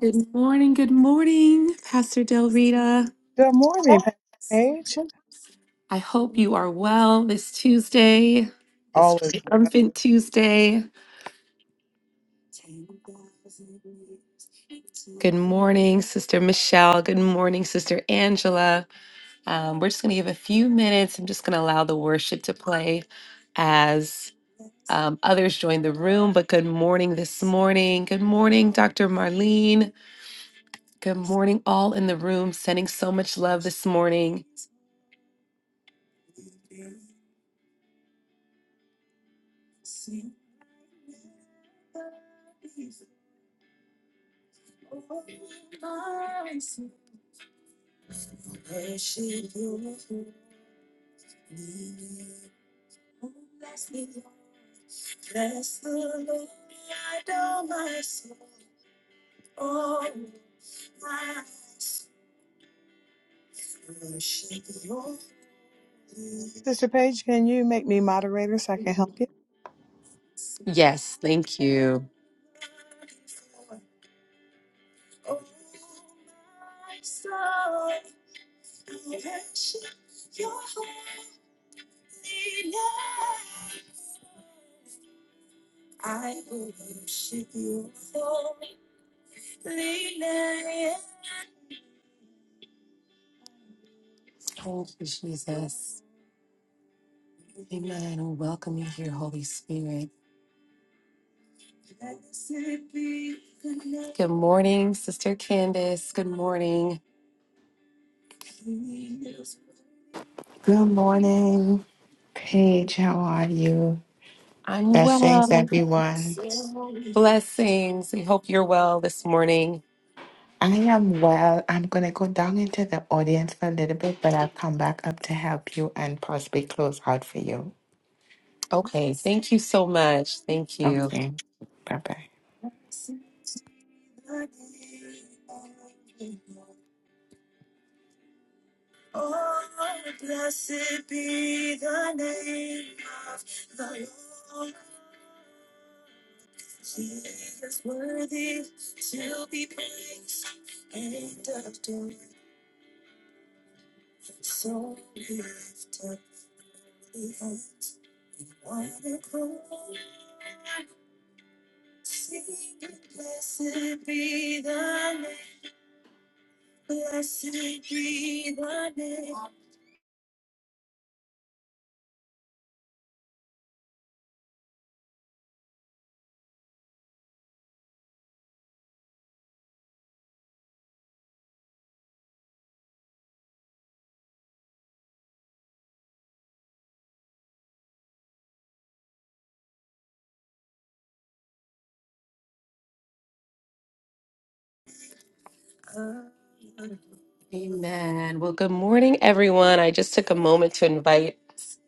Good morning, good morning, Pastor Del Rita. Good morning, Pastor Paige. I hope you are well this Tuesday, this All is triumphant Tuesday. Good morning, Sister Michelle. Good morning, Sister Angela. Um, we're just going to give a few minutes. I'm just going to allow the worship to play as um, others join the room. But good morning this morning. Good morning, Dr. Marlene. Good morning, all in the room, sending so much love this morning. Sister Paige, can you make me moderator so I can help you? Yes, thank you. Thank you, Jesus. Amen. We Welcome you here, Holy Spirit. Good morning, Sister Candace. Good morning. Good morning, Paige. How are you? I'm Blessings, well. everyone. Blessings. We hope you're well this morning. I am well. I'm going to go down into the audience for a little bit, but I'll come back up to help you and possibly close out for you. Okay, thank you so much. Thank you. Okay. Bye bye. Amen. Well, good morning, everyone. I just took a moment to invite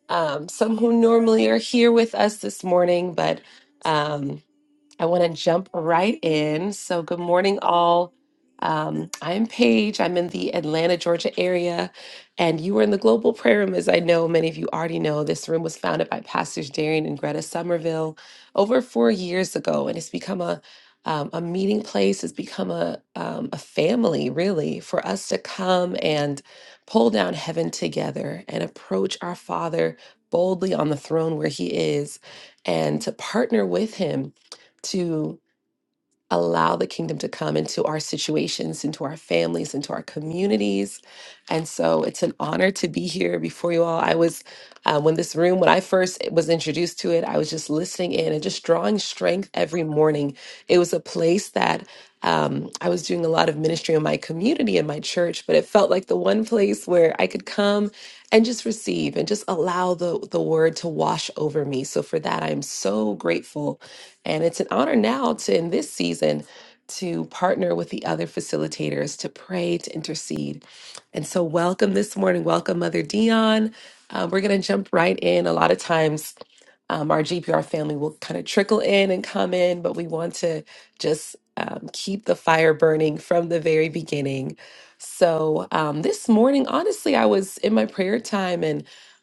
um, some who normally are here with us this morning, but um, I want to jump right in. So, good morning, all. Um, I'm Paige. I'm in the Atlanta, Georgia area, and you are in the Global Prayer Room. As I know, many of you already know, this room was founded by Pastors Darian and Greta Somerville over four years ago, and it's become a um, a meeting place. It's become a um, a family, really, for us to come and pull down heaven together and approach our Father boldly on the throne where He is, and to partner with Him to allow the kingdom to come into our situations, into our families, into our communities. And so it's an honor to be here before you all. I was, uh, when this room, when I first was introduced to it, I was just listening in and just drawing strength every morning. It was a place that um, I was doing a lot of ministry in my community in my church, but it felt like the one place where I could come and just receive and just allow the the word to wash over me. So for that, I am so grateful and it's an honor now to, in this season, to partner with the other facilitators to pray, to intercede. And so, welcome this morning. Welcome, Mother Dion. Uh, we're going to jump right in. A lot of times, um, our GPR family will kind of trickle in and come in, but we want to just um, keep the fire burning from the very beginning. So, um, this morning, honestly, I was in my prayer time and.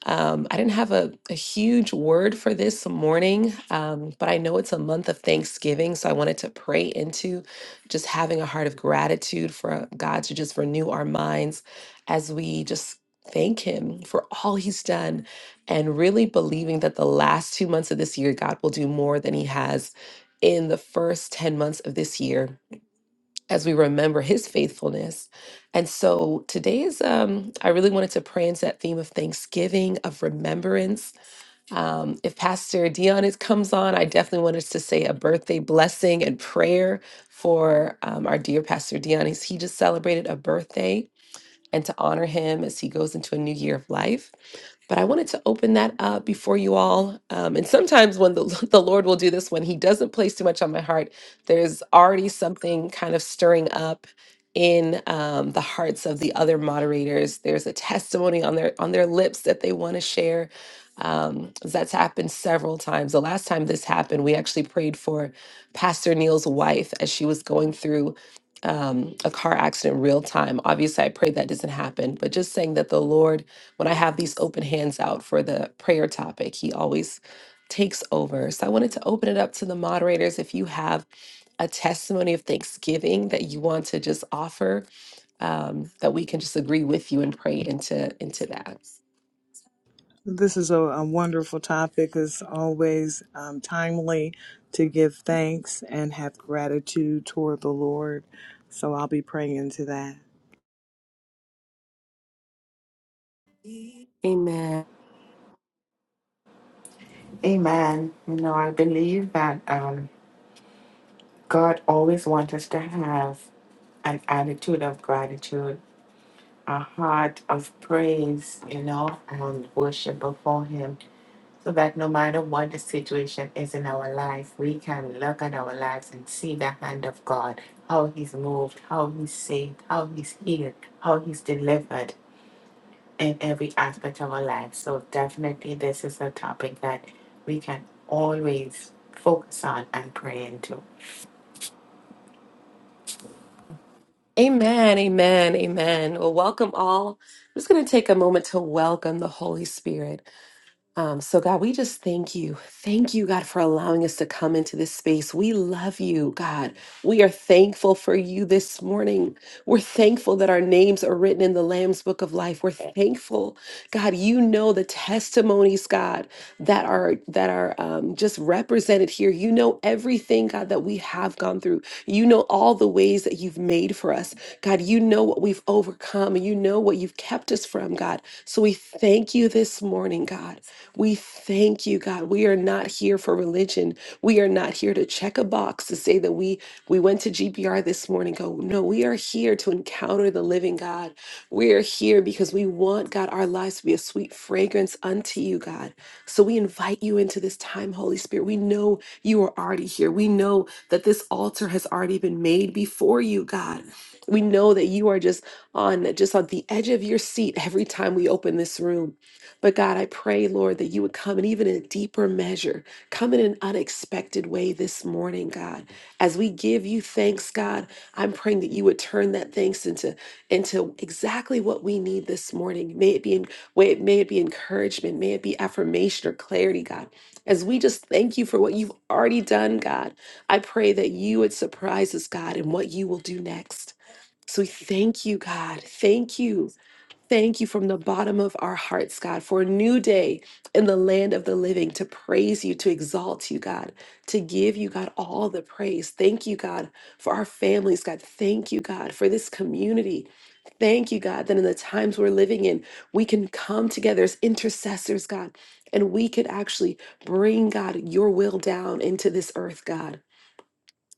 Um, I didn't have a, a huge word for this morning, um, but I know it's a month of Thanksgiving, so I wanted to pray into just having a heart of gratitude for uh, God to just renew our minds as we just thank Him for all He's done and really believing that the last two months of this year, God will do more than He has in the first 10 months of this year as we remember his faithfulness. And so today is, um, I really wanted to pray into that theme of Thanksgiving, of remembrance. Um, if Pastor Dion is, comes on, I definitely wanted to say a birthday blessing and prayer for um, our dear Pastor Dion. He's- He just celebrated a birthday and to honor him as he goes into a new year of life. But I wanted to open that up before you all. Um, and sometimes when the, the Lord will do this, when He doesn't place too much on my heart, there's already something kind of stirring up in um, the hearts of the other moderators. There's a testimony on their on their lips that they want to share. Um, that's happened several times. The last time this happened, we actually prayed for Pastor Neil's wife as she was going through um, a car accident real time. Obviously, I pray that doesn't happen, but just saying that the Lord when I have these open hands out for the prayer topic, he always takes over. So I wanted to open it up to the moderators. If you have a testimony of thanksgiving that you want to just offer, um, that we can just agree with you and pray into into that. This is a, a wonderful topic. It's always um, timely to give thanks and have gratitude toward the Lord. So I'll be praying into that. Amen. Amen. You know, I believe that um, God always wants us to have an attitude of gratitude, a heart of praise, you know, and worship before Him. So that no matter what the situation is in our life, we can look at our lives and see the hand of God, how He's moved, how He's saved, how He's healed, how He's delivered in every aspect of our life. So, definitely, this is a topic that we can always focus on and pray into. Amen. Amen. Amen. Well, welcome all. I'm just going to take a moment to welcome the Holy Spirit. Um, so, God, we just thank you. Thank you, God, for allowing us to come into this space. We love you, God. We are thankful for you this morning. We're thankful that our names are written in the Lamb's Book of Life. We're thankful, God. You know the testimonies, God, that are that are um, just represented here. You know everything, God, that we have gone through. You know all the ways that you've made for us, God. You know what we've overcome. You know what you've kept us from, God. So we thank you this morning, God. We thank you, God. We are not here for religion. We are not here to check a box to say that we we went to GPR this morning. Go, no, we are here to encounter the living God. We are here because we want, God, our lives to be a sweet fragrance unto you, God. So we invite you into this time, Holy Spirit. We know you are already here. We know that this altar has already been made before you, God. We know that you are just on just on the edge of your seat every time we open this room. But God, I pray, Lord, that you would come and even in a deeper measure, come in an unexpected way this morning, God. As we give you thanks, God, I'm praying that you would turn that thanks into into exactly what we need this morning. May it be in, may it, may it be encouragement, may it be affirmation or clarity, God. As we just thank you for what you've already done, God, I pray that you would surprise us, God, in what you will do next. So we thank you, God. Thank you. Thank you from the bottom of our hearts, God, for a new day in the land of the living to praise you, to exalt you, God, to give you, God, all the praise. Thank you, God, for our families, God. Thank you, God, for this community. Thank you, God, that in the times we're living in, we can come together as intercessors, God, and we could actually bring, God, your will down into this earth, God.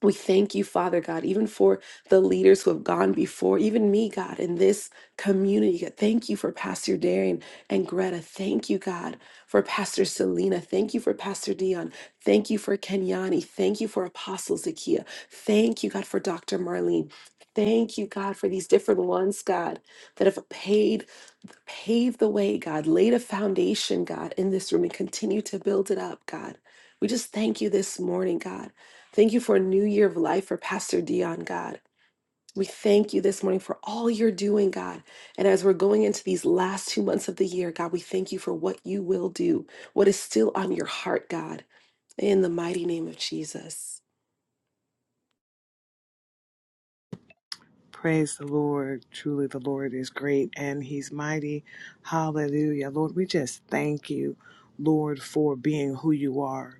We thank you, Father God, even for the leaders who have gone before, even me, God, in this community. God, Thank you for Pastor Darian and Greta. Thank you, God, for Pastor Selena. Thank you for Pastor Dion. Thank you for Kenyani. Thank you for Apostle Zakia. Thank you, God, for Dr. Marlene. Thank you, God, for these different ones, God, that have paid Pave the way, God. Laid a foundation, God, in this room and continue to build it up, God. We just thank you this morning, God. Thank you for a new year of life for Pastor Dion, God. We thank you this morning for all you're doing, God. And as we're going into these last two months of the year, God, we thank you for what you will do, what is still on your heart, God. In the mighty name of Jesus. Praise the Lord. Truly, the Lord is great and he's mighty. Hallelujah. Lord, we just thank you, Lord, for being who you are.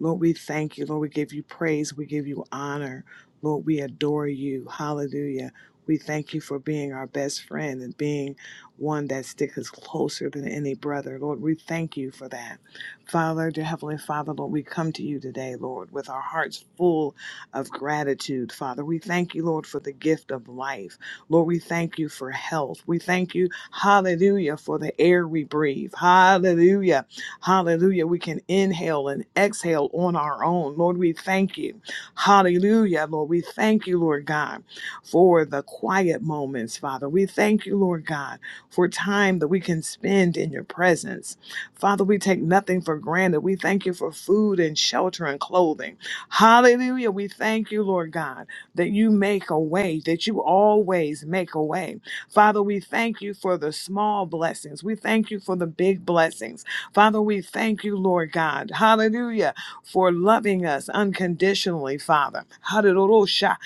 Lord, we thank you. Lord, we give you praise. We give you honor. Lord, we adore you. Hallelujah. We thank you for being our best friend and being one that sticks us closer than any brother. Lord, we thank you for that. Father, dear Heavenly Father, Lord, we come to you today, Lord, with our hearts full of gratitude, Father. We thank you, Lord, for the gift of life. Lord, we thank you for health. We thank you, hallelujah, for the air we breathe. Hallelujah. Hallelujah. We can inhale and exhale on our own. Lord, we thank you. Hallelujah. Lord, we thank you, Lord God, for the quiet moments, Father. We thank you, Lord God, for time that we can spend in your presence. Father, we take nothing for granted. We thank you for food and shelter and clothing. Hallelujah. We thank you, Lord God, that you make a way, that you always make a way. Father, we thank you for the small blessings. We thank you for the big blessings. Father, we thank you, Lord God. Hallelujah. For loving us unconditionally, Father. Hallelujah.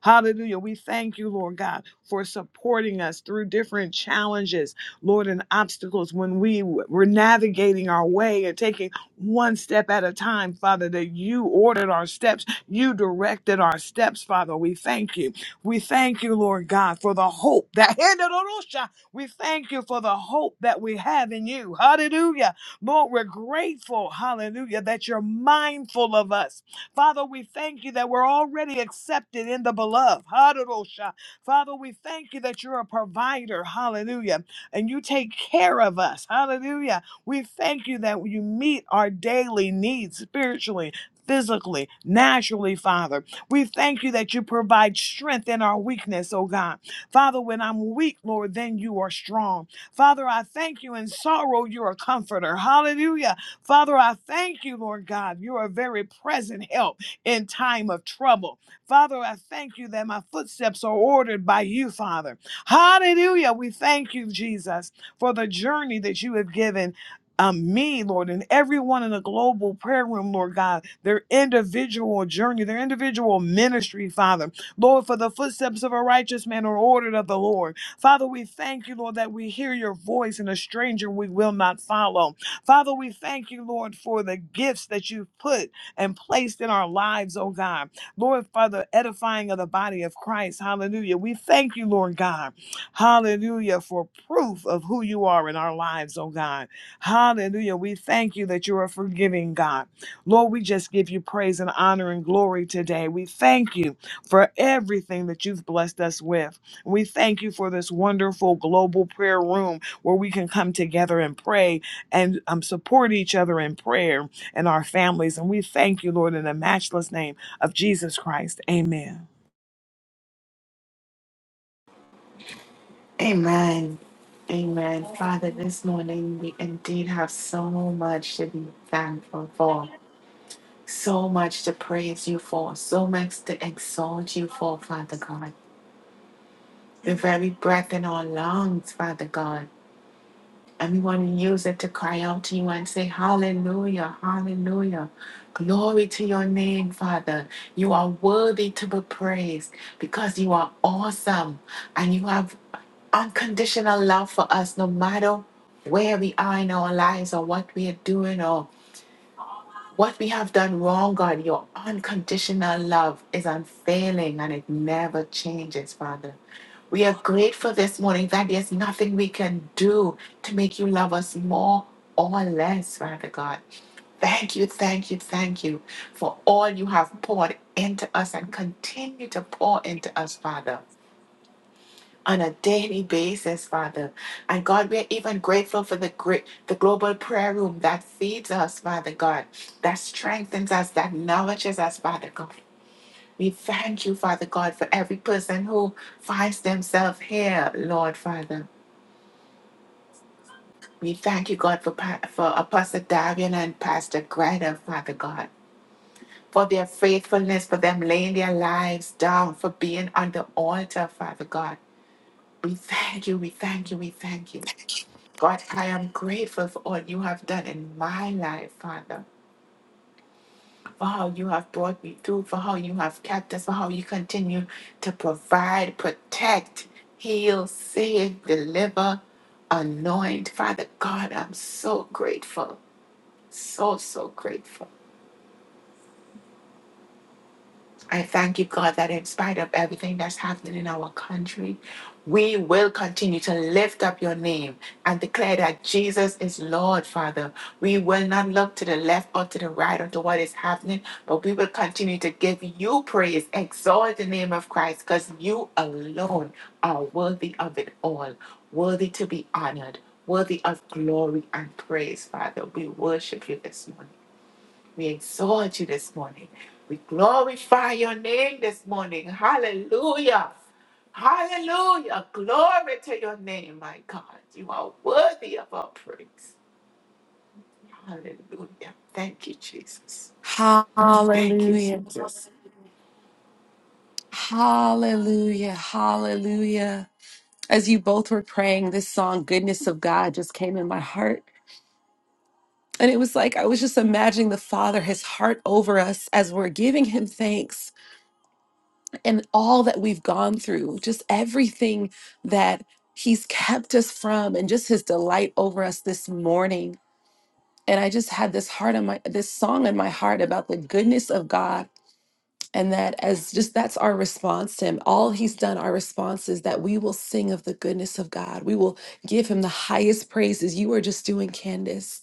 Hallelujah. We thank you, Lord God, for supporting us through different challenges, Lord, and obstacles when we were navigating our way and taking one step at a time, Father, that you ordered our steps. You directed our steps, Father. We thank you. We thank you, Lord God, for the hope that we thank you for the hope that we have in you. Hallelujah. Lord, we're grateful, hallelujah, that you're mindful of us. Father, we thank you that we're already accepted in the beloved. Hallelujah. Father, we thank you that you're a provider. Hallelujah. And you take care of us. Hallelujah we thank you that you meet our daily needs spiritually, physically, naturally, Father. We thank you that you provide strength in our weakness, oh God. Father, when I'm weak, Lord, then you are strong. Father, I thank you in sorrow, you're a comforter. Hallelujah. Father, I thank you, Lord God. You're a very present help in time of trouble. Father, I thank you that my footsteps are ordered by you, Father. Hallelujah. We thank you, Jesus, for the journey that you have given um, me, Lord, and everyone in the global prayer room, Lord God, their individual journey, their individual ministry, Father. Lord, for the footsteps of a righteous man are ordered of the Lord. Father, we thank you, Lord, that we hear your voice and a stranger we will not follow. Father, we thank you, Lord, for the gifts that you've put and placed in our lives, oh God. Lord, for the edifying of the body of Christ. Hallelujah. We thank you, Lord God. Hallelujah, for proof of who you are in our lives, oh God. Hallelujah. We thank you that you are a forgiving, God. Lord, we just give you praise and honor and glory today. We thank you for everything that you've blessed us with. We thank you for this wonderful global prayer room where we can come together and pray and um, support each other in prayer and our families. And we thank you, Lord, in the matchless name of Jesus Christ. Amen. Amen. Amen. Father, this morning we indeed have so much to be thankful for. So much to praise you for, so much to exalt you for, Father God. The very breath in our lungs, Father God. And we want to use it to cry out to you and say, Hallelujah, Hallelujah. Glory to your name, Father. You are worthy to be praised because you are awesome and you have unconditional love for us no matter where we are in our lives or what we are doing or what we have done wrong, God, your unconditional love is unfailing and it never changes, Father. We are grateful this morning that there's nothing we can do to make you love us more or less, Father God. Thank you, thank you, thank you for all you have poured into us and continue to pour into us, Father on a daily basis, Father. And God, we're even grateful for the great, the global prayer room that feeds us, Father God, that strengthens us, that nourishes us, Father God. We thank you, Father God, for every person who finds themselves here, Lord Father. We thank you, God, for, Pa- for Apostle Darian and Pastor Greta, Father God, for their faithfulness, for them laying their lives down, for being on the altar, Father God. We thank you, we thank you, we thank you. God, I am grateful for all you have done in my life, Father, for how you have brought me through, for how you have kept us, for how you continue to provide, protect, heal, save, deliver, anoint. Father God, I'm so grateful, so, so grateful. I thank you, God, that in spite of everything that's happening in our country, we will continue to lift up your name and declare that Jesus is Lord, Father. We will not look to the left or to the right or to what is happening, but we will continue to give you praise, exalt the name of Christ, because you alone are worthy of it all, worthy to be honored, worthy of glory and praise, Father. We worship you this morning. We exalt you this morning. We glorify your name this morning. Hallelujah. Hallelujah. Glory to your name, my God. You are worthy of our praise. Hallelujah. Thank you, Jesus. Thank you, Hallelujah. Jesus. Hallelujah. Hallelujah. as you both were praying, this song, Goodness of God, just came in my heart. And it was like I was just imagining the Father, his heart over us as we're giving him thanks and all that we've gone through, just everything that he's kept us from, and just his delight over us this morning. And I just had this heart on my this song in my heart about the goodness of God and that as just that's our response to him all he's done our response is that we will sing of the goodness of god we will give him the highest praises you are just doing candace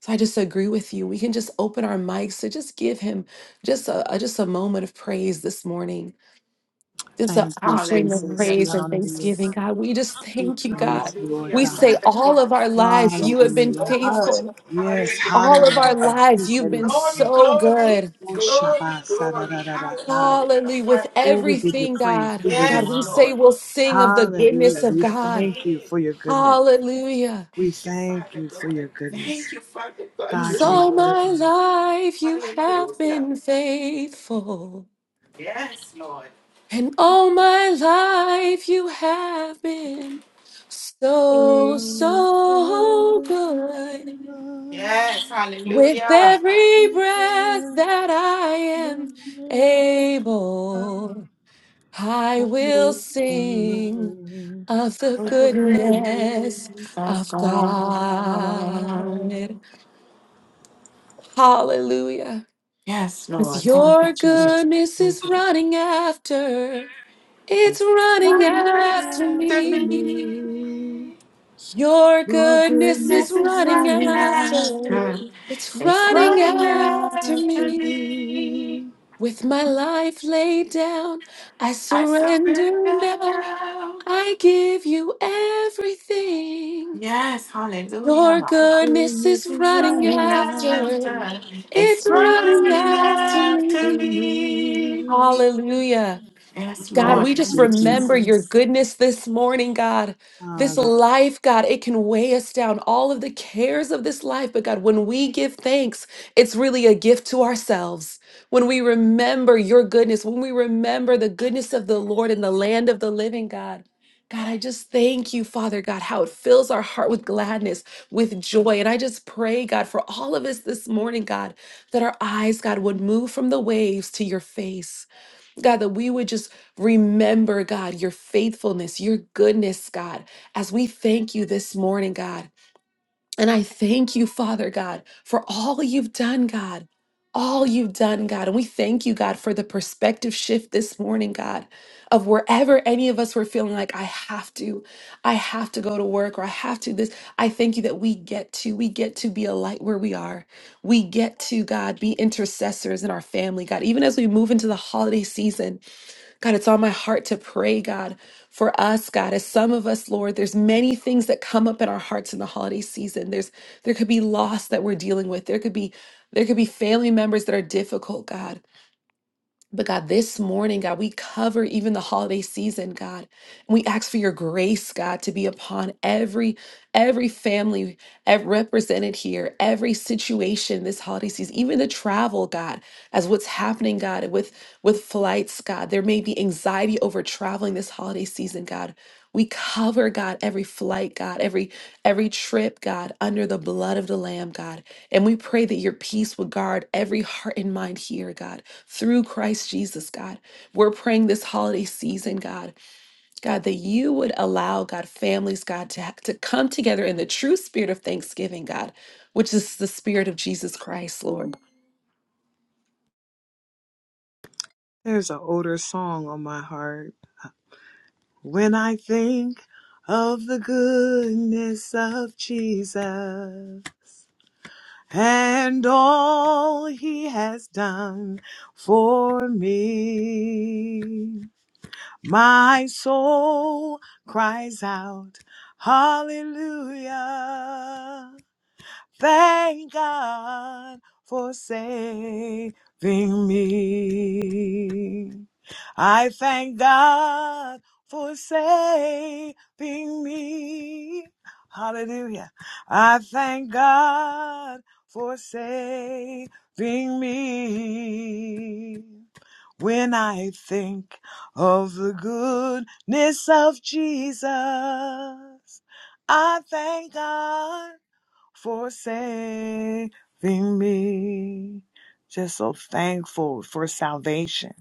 so i just agree with you we can just open our mics to just give him just a, a- just a moment of praise this morning just an Thank you, offering of Jesus. Hallelujah, We praise and honor you. thanksgiving Jesus. god we just We thank you god praise you, Lord we Hallelujah, God. say Father all God. of our lives you have Yes, been Hallelujah. Ha- Lord. faithful Yes. all of our Hallelujah. Hallelujah. lives you've been Glory, so glory, good Oh, glory, Shabbat, glory. Sadadadadakaya. Hallelujah, Hallelujah. With Father Oh, God. we give you everything, praise. God. We give you God, Yes, we honor. say Lord. we'll sing of the Hallelujah. goodness Hallelujah. of We God. thank you Amen. for your goodness. Hallelujah. We Thank you, thank Father you for God. your goodness. Thank you, Father God. You God, 'Cause are you're all my worthy. worthy. life you have Hallelujah. been faithful. Yes, Lord. And all my life you have been so, We so praise good. Yes, With hallelujah. every breath that I your am able. name. I will sing Understand of the of The the goodness goodness goodness of of God. God. Hallelujah. Yes, 'Cause Lord. Thank you, your Jesus. goodness of is running after, it's It's running running after after after me. me. me. Your Your goodness is goodness Goodness is is running running running after, after after. it's It's running me. running after after me. me. With my life laid down, I I surrender surrender now. now. I give you everything. Yes, Your hallelujah. goodness is It's running running after. after, it's It's running running after after me. me. Hallelujah. Yes, God, Thank Lord. we just Thank you, you, remember Jesus. your Jesus. goodness this morning, God. This Father. life, God, it can weigh us down, all of the cares of this life. But God, when we give thanks, it's really a gift to ourselves. When we remember your goodness, when we remember the goodness of the Lord in the land of the living, God. God, I just thank you, Father God, how it fills our heart with gladness, with joy. And I just pray, God, for all of us this morning, God, that our eyes, God, would move from the waves to your face. God, that we would just remember, God, your faithfulness, your goodness, God, as we thank you this morning, God. And I thank you, Father God, for all you've done, God, all you've done, God. And we thank you, God, for the perspective shift this morning, God, of wherever any of us were feeling like, I have to, I have to go to work or I have to this. I thank you that we get to, we get to be a light where we are. We get to, God, be intercessors in our family, God, even as we move into the holiday season. God, it's on my heart to pray, God, for us, God, as some of us, Lord, there's many things that come up in our hearts in the holiday season. There's there could be loss that we're dealing with. There could be there could be family members that are difficult, God. But God, this morning, God, we cover even the holiday season, God. And we ask for your grace, God, to be upon every every family ev- represented here, every situation this holiday season, even the travel, God, as what's happening, God, with flights, God. There may be anxiety over traveling this holiday season, God. We cover, God, every flight, God, every every trip, God, under the blood of the Lamb, God. And we pray that your peace would guard every heart and mind here, God, through Christ Jesus, God. We're praying this holiday season, God, God, that you would allow, God, families, God, to, ha- to come together in the true spirit of thanksgiving, God, which is the spirit of Jesus Christ, Lord. There's an older song on my heart. When I think of the goodness of Jesus and all he has done for me, my soul cries out, Hallelujah. Thank God for saving me. I thank God for saving me. Hallelujah. I thank God for saving me. When I think of the goodness of Jesus, I thank God for saving me. Just so thankful for salvation.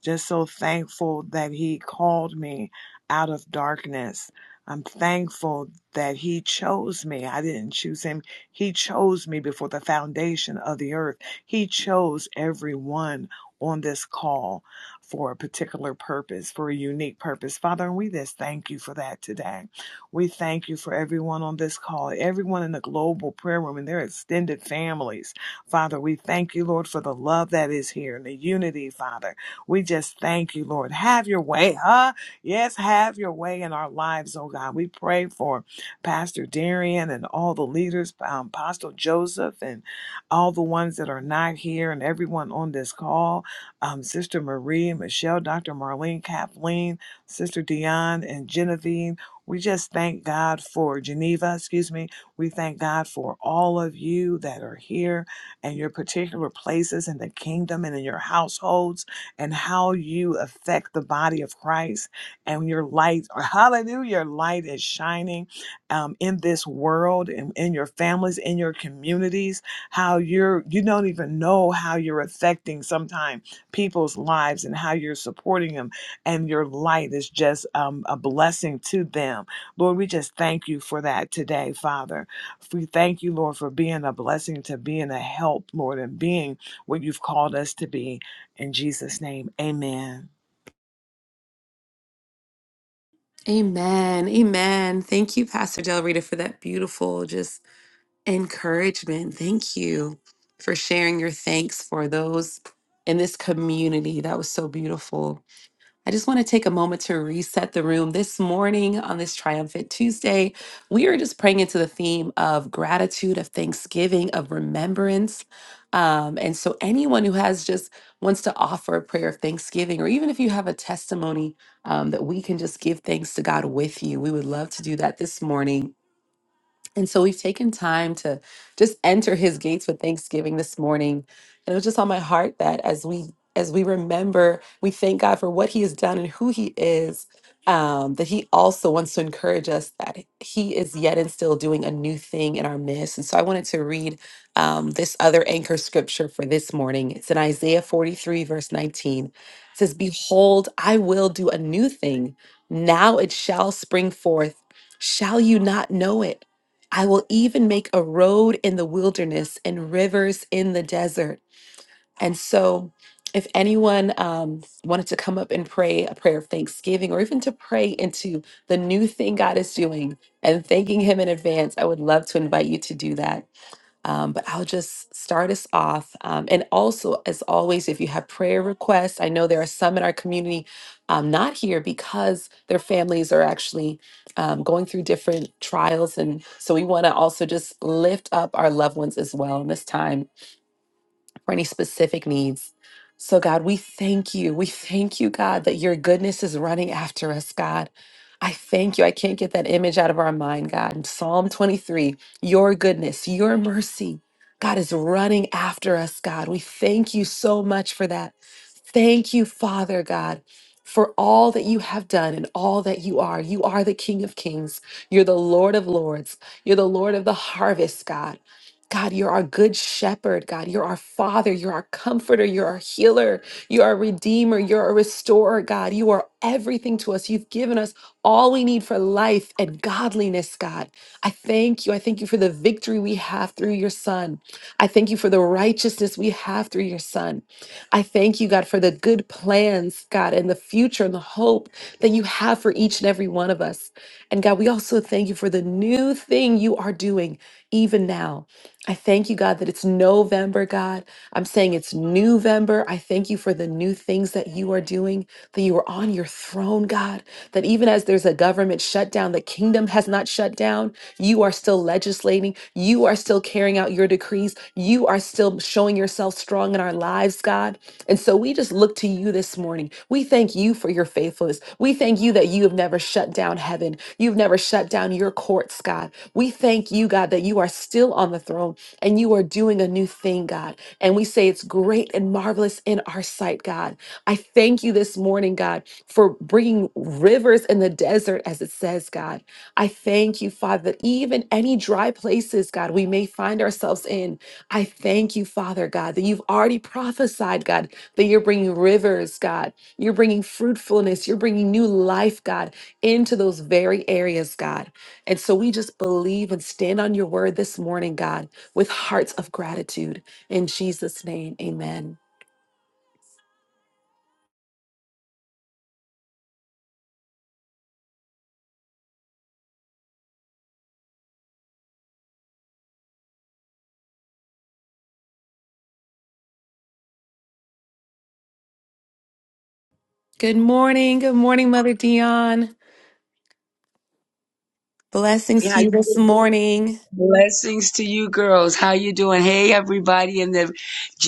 Just so thankful that He called me out of darkness. I'm thankful that He chose me. I didn't choose Him, He chose me before the foundation of the earth. He chose everyone on this call for a particular purpose, for a unique purpose. Father, and we just thank you for that today. We thank you for everyone on this call, everyone in the global prayer room and their extended families. Father, we thank you, Lord, for the love that is here and the unity, Father. We just thank you, Lord. Have your way, huh? Yes, have your way in our lives, oh God. We pray for Pastor Darian and all the leaders, um, Apostle Joseph, and all the ones that are not here, and everyone on this call, um, Sister Marie, Michelle, Dr. Marlene, Kathleen, Sister Dion, and Genevieve. We just thank God for Geneva, excuse me. We thank God for all of you that are here and your particular places in the kingdom and in your households and how you affect the body of Christ and your light. or Hallelujah. Your light is shining um, in this world and in your families, in your communities, how you're, you don't even know how you're affecting sometimes people's lives and how you're supporting them. And your light is just um, a blessing to them. Lord, we just thank you for that today, Father. We thank you, Lord, for being a blessing, to being a help, Lord, and being what you've called us to be. In Jesus' name, amen. Amen. Amen. Thank you, Pastor Del Rita, for that beautiful just encouragement. Thank you for sharing your thanks for those in this community. That was so beautiful. I just want to take a moment to reset the room. This morning on this Triumphant Tuesday, we are just praying into the theme of gratitude, of thanksgiving, of remembrance. Um, and so, anyone who has just wants to offer a prayer of thanksgiving, or even if you have a testimony um, that we can just give thanks to God with you, we would love to do that this morning. And so we've taken time to just enter his gates with thanksgiving this morning. And it was just on my heart that as we as we remember, we thank God for what he has done and who he is, um, that he also wants to encourage us that he is yet and still doing a new thing in our midst. And so I wanted to read um, this other anchor scripture for this morning. It's in Isaiah 43, verse 19. It says, Behold, I will do a new thing. Now it shall spring forth. Shall you not know it? I will even make a road in the wilderness and rivers in the desert. And so, if anyone um, wanted to come up and pray a prayer of thanksgiving or even to pray into the new thing God is doing and thanking Him in advance, I would love to invite you to do that. Um, but I'll just start us off. Um, and also, as always, if you have prayer requests, I know there are some in our community um, not here because their families are actually um, going through different trials. And so we want to also just lift up our loved ones as well in this time for any specific needs. So, God, we thank you. We thank you, God, that your goodness is running after us, God. I thank you. I can't get that image out of our mind, God. In Psalm 23, your goodness, your mercy, God is running after us, God. We thank you so much for that. Thank you, Father God, for all that you have done and all that you are. You are the King of Kings. You're the Lord of Lords. You're the Lord of the harvest, God. God, you're our good shepherd. God, you're our father. You're our comforter. You're our healer. You're our redeemer. You're a restorer, God. You are everything to us. You've given us all we need for life and godliness, God. I thank you. I thank you for the victory we have through your son. I thank you for the righteousness we have through your son. I thank you, God, for the good plans, God, and the future and the hope that you have for each and every one of us. And God, we also thank you for the new thing you are doing even now. I thank you, God, that it's November, God. I'm saying it's November. I thank you for the new things that you are doing, that you are on your throne, God. That even as there's a government shutdown, the kingdom has not shut down. You are still legislating. You are still carrying out your decrees. You are still showing yourself strong in our lives, God. And so we just look to you this morning. We thank you for your faithfulness. We thank you that you have never shut down heaven. You've never shut down your courts, God. We thank you, God, that you are still on the throne and you are doing a new thing, God. And we say it's great and marvelous in our sight, God. I thank you this morning, God, for bringing rivers in the desert, as it says, God. I thank you, Father, that even any dry places, God, we may find ourselves in, I thank you, Father, God, that you've already prophesied, God, that you're bringing rivers, God. You're bringing fruitfulness. You're bringing new life, God, into those very areas, God. And so we just believe and stand on your word this morning, God with hearts of gratitude. In Jesus' name, amen. Good morning. Good morning, Mother Dion. Blessings to Yeah, you this morning. Blessings to you girls. How you doing? Hey everybody in the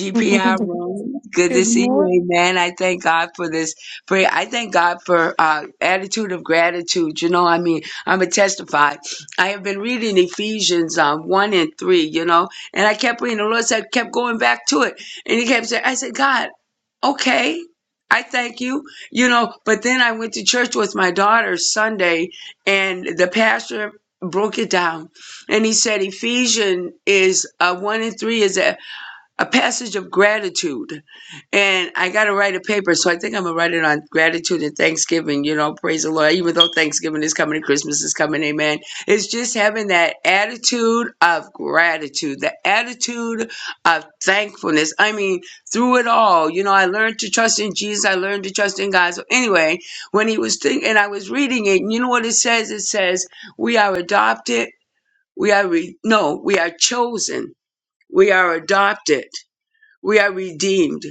Good room. Good to see morning. you. Amen. I thank God for this prayer. I thank God for uh attitude of gratitude. You know, I mean, I'm a testify. I have been reading Ephesians um, one and three, you know, and I kept reading the Lord said kept going back to it. And he kept saying, I said, God, okay. I thank you, you know, but then I went to church with my daughter Sunday and the pastor broke it down and he said Ephesians is uh, 1 and 3 is a, a passage of gratitude. And I got to write a paper. So I think I'm going to write it on gratitude and Thanksgiving. You know, praise the Lord. Even though Thanksgiving is coming and Christmas is coming, amen. It's just having that attitude of gratitude, the attitude of thankfulness. I mean, through it all, you know, I learned to trust in Jesus. I learned to trust in God. So anyway, when he was thinking, and I was reading it, and you know what it says? It says, we are adopted we are re- no, we are chosen. We are adopted. We are redeemed.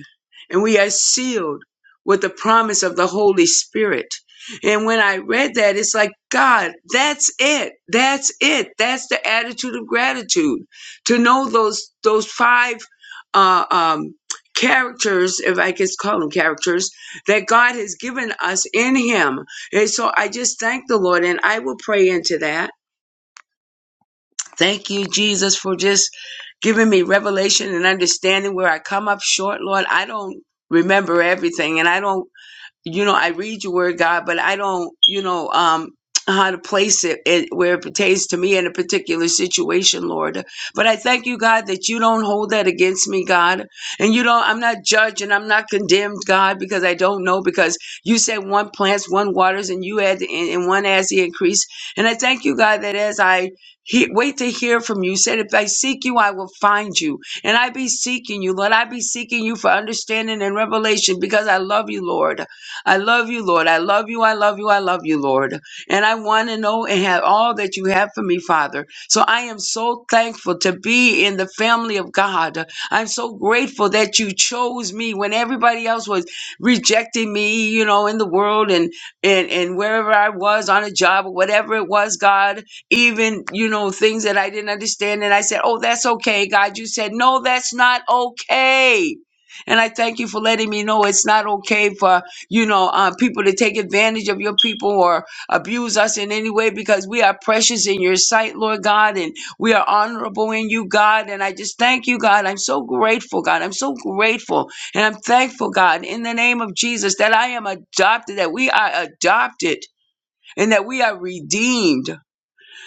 And we are sealed with the promise of the Holy Spirit. And when I read that, it's like, God, that's it. That's it. That's the attitude of gratitude. To know those those five uh, um, characters, if I can call them characters, that God has given us in Him. And so I just thank the Lord, and I will pray into that. Thank you, Jesus, for just giving me revelation and understanding where I come up short, Lord. I don't remember everything and I don't you know, I read your word, God, but I don't, you know, um, how to place it, it where it pertains to me in a particular situation, Lord. But I thank you, God, that you don't hold that against me, God. And you don't, I'm not judged and I'm not condemned, God, because I don't know, because you said one plants, one waters, and you add, and, and one adds the increase. And I thank you, God, that as I he, wait to hear from you, you said, if I seek you, I will find you. And I be seeking you, Lord. I be seeking you for understanding and revelation because I love you, Lord. I love you, Lord. I love you. I love you. I love you, Lord. And I want to know and have all that you have for me, Father. So I am so thankful to be in the family of God. I'm so grateful that you chose me when everybody else was rejecting me, you know, in the world and and and wherever I was on a job or whatever it was, God, even, you know, things that I didn't understand and I said, "Oh, that's okay, God." You said, "No, that's not okay." And I thank you for letting me know it's not okay for you know, uh, people to take advantage of your people or abuse us in any way because we are precious in your sight, Lord God, and we are honorable in you, God. And I just thank you, God. I'm so grateful, God. I'm so grateful and I'm thankful, God, in the name of Jesus, that I am adopted, that we are adopted, and that we are redeemed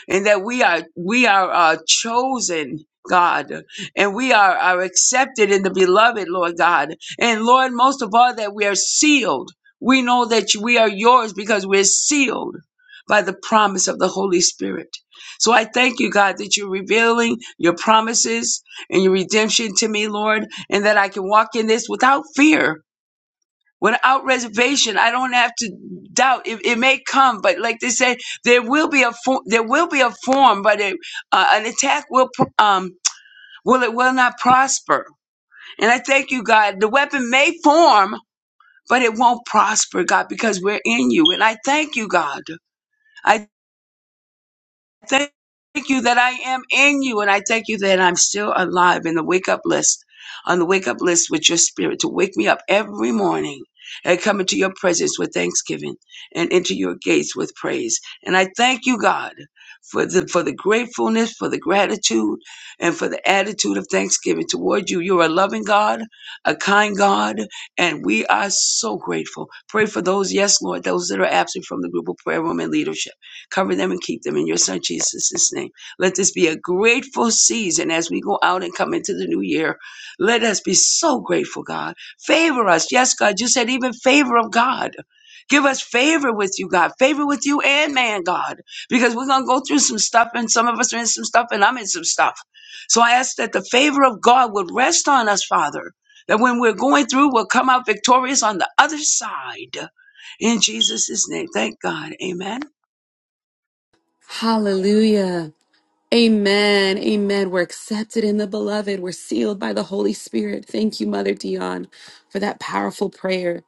and that we are we are uh, chosen god and we are are accepted in the beloved lord god and lord most of all that we are sealed we know that we are yours because we're sealed by the promise of the holy spirit so i thank you god that you're revealing your promises and your redemption to me lord and that i can walk in this without fear without reservation. I don't have to doubt. It, it may come, but like they say, there will be a form. There will be a form, but it, uh, an attack will pro- um will it will not prosper. And I thank you, God. The weapon may form, but it won't prosper, God, because we're in you. And I thank you, God. I. thank you that I am in you, and I thank you that I'm still alive in the wake up list, on the wake up list with your spirit to wake me up every morning and come into your presence with thanksgiving and into your gates with praise. And I thank you, God, for the for the gratefulness, for the gratitude, and for the attitude of thanksgiving toward you. You're a loving God, a kind God, and we are so grateful. Pray for those, yes, Lord, those that are absent from the group of prayer room and leadership. Cover them and keep them in your son Jesus' name. Let this be a grateful season as we go out and come into the new year. Let us be so grateful, God. Favor us. Yes, God, you said even favor of God. Give us favor with you, God. Favor with you and man, God. Because we're going to go through some stuff, and some of us are in some stuff, and I'm in some stuff. So I ask that the favor of God would rest on us, Father. That when we're going through, we'll come out victorious on the other side. In Jesus' name. Thank God. Amen. Hallelujah. Amen. Amen. We're accepted in the beloved. We're sealed by the Holy Spirit. Thank you, Mother Dion, for that powerful prayer.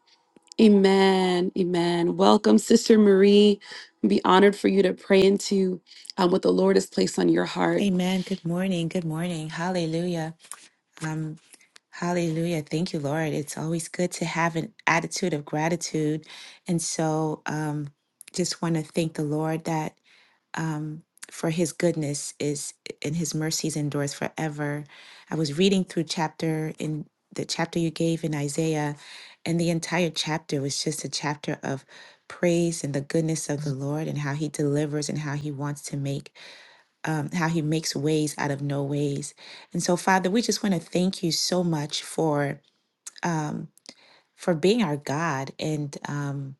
Amen. Amen. Welcome, Sister Marie. Be honored for you to pray into um, what the Lord has placed on your heart. Amen. Good morning. Good morning. Hallelujah. Um, hallelujah. Thank you, Lord. It's always good to have an attitude of gratitude. And so um just want to thank the Lord that um for his goodness is and his mercies endures forever. I was reading through chapter in the chapter you gave in Isaiah, and the entire chapter was just a chapter of praise and the goodness of the Lord and how he delivers and how he wants to make um, how he makes ways out of no ways. And so, Father, we just want to thank you so much for um, for being our God and um,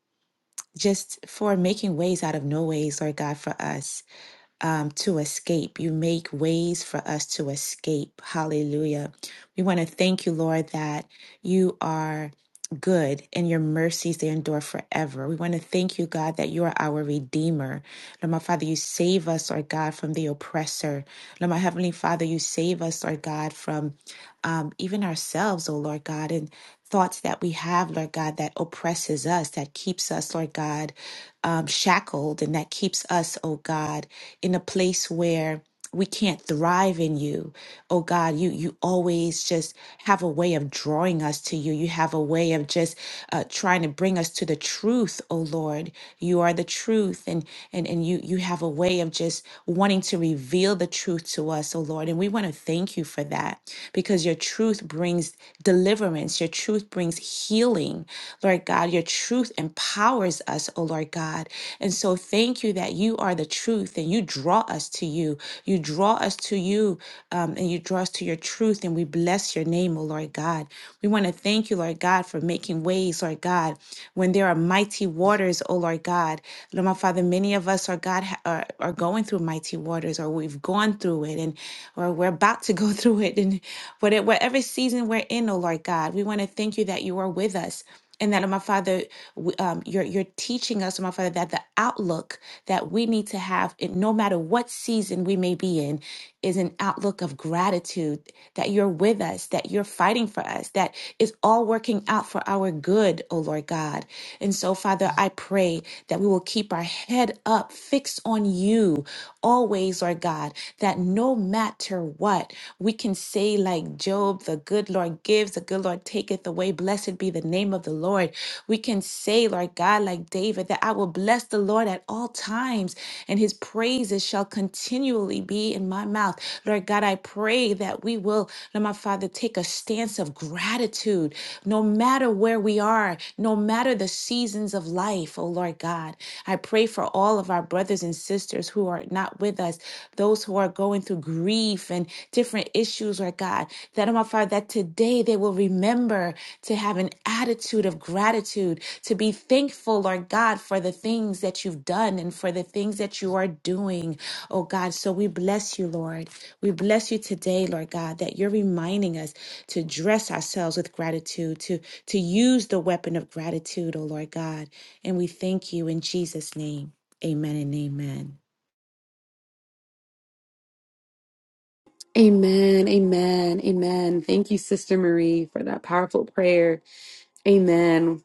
just for making ways out of no ways, Lord God, for us um, to escape. You make ways for us to escape. Hallelujah. We want to thank you, Lord, that you are. Good and your mercies they endure forever. We want to thank you, God, that you are our Redeemer. Lord, my Father, you save us, Lord God, from the oppressor. Lord, my Heavenly Father, you save us, Lord God, from um, even ourselves, oh Lord God, and thoughts that we have, Lord God, that oppresses us, that keeps us, Lord God, um, shackled, and that keeps us, oh God, in a place where we can't thrive in you. Oh God, you you always just have a way of drawing us to you. You have a way of just uh, trying to bring us to the truth, oh Lord. You are the truth and and and you you have a way way of just wanting to reveal the truth to us, oh Lord. And we want to thank you for that because your truth brings deliverance, your truth brings healing, Lord God. Your truth empowers us, oh Lord God. And so thank you that you are the truth and you draw us to you. You draw us to you um, and you draw us to your truth. And we bless your name, oh Lord God. We want to thank you, Lord God, for making ways, Lord God, when there are mighty waters, oh Lord God. Lord, my Father, many of us are God ha- are, are going through mighty waters, or we've gone through it, and or we're about to go through it, and whatever, whatever season we're in, oh Lord God, we want to thank you that you are with us. And that, oh my Father, w- um, you're you're teaching us, oh my Father, that the outlook that we need to have, in, no matter what season we may be in, is an outlook of gratitude that you're with us, that you're fighting for us, that is all working out for our good, oh Lord God. And so, Father, I pray that we will keep our head up, fixed on you always, Lord God, that no matter what, we can say, like Job, the good Lord gives, the good Lord taketh away. Blessed be the name of the Lord. We can say, Lord God, like David, that I will bless the Lord at all times, and his praises shall continually be in my mouth. Lord God, I pray that we will, Lord my Father, take a stance of gratitude, no no matter where we are, no matter the seasons of life, oh Lord God. I pray for all of our brothers and sisters who are not with us, those who are going through grief and different issues, Lord God, that, oh my Father, that today they will remember to have an attitude of gratitude, to be thankful, Lord God, for the things that you've done and for the things that you are doing, oh God. So we bless you, Lord. We bless you today, Lord God, that you're reminding us to dress ourselves with gratitude, to, to use the weapon of gratitude, O Lord God. And we thank you in Jesus' name. Amen and amen. Amen. Amen. Amen. Thank you, Sister Marie, for that powerful prayer. Amen.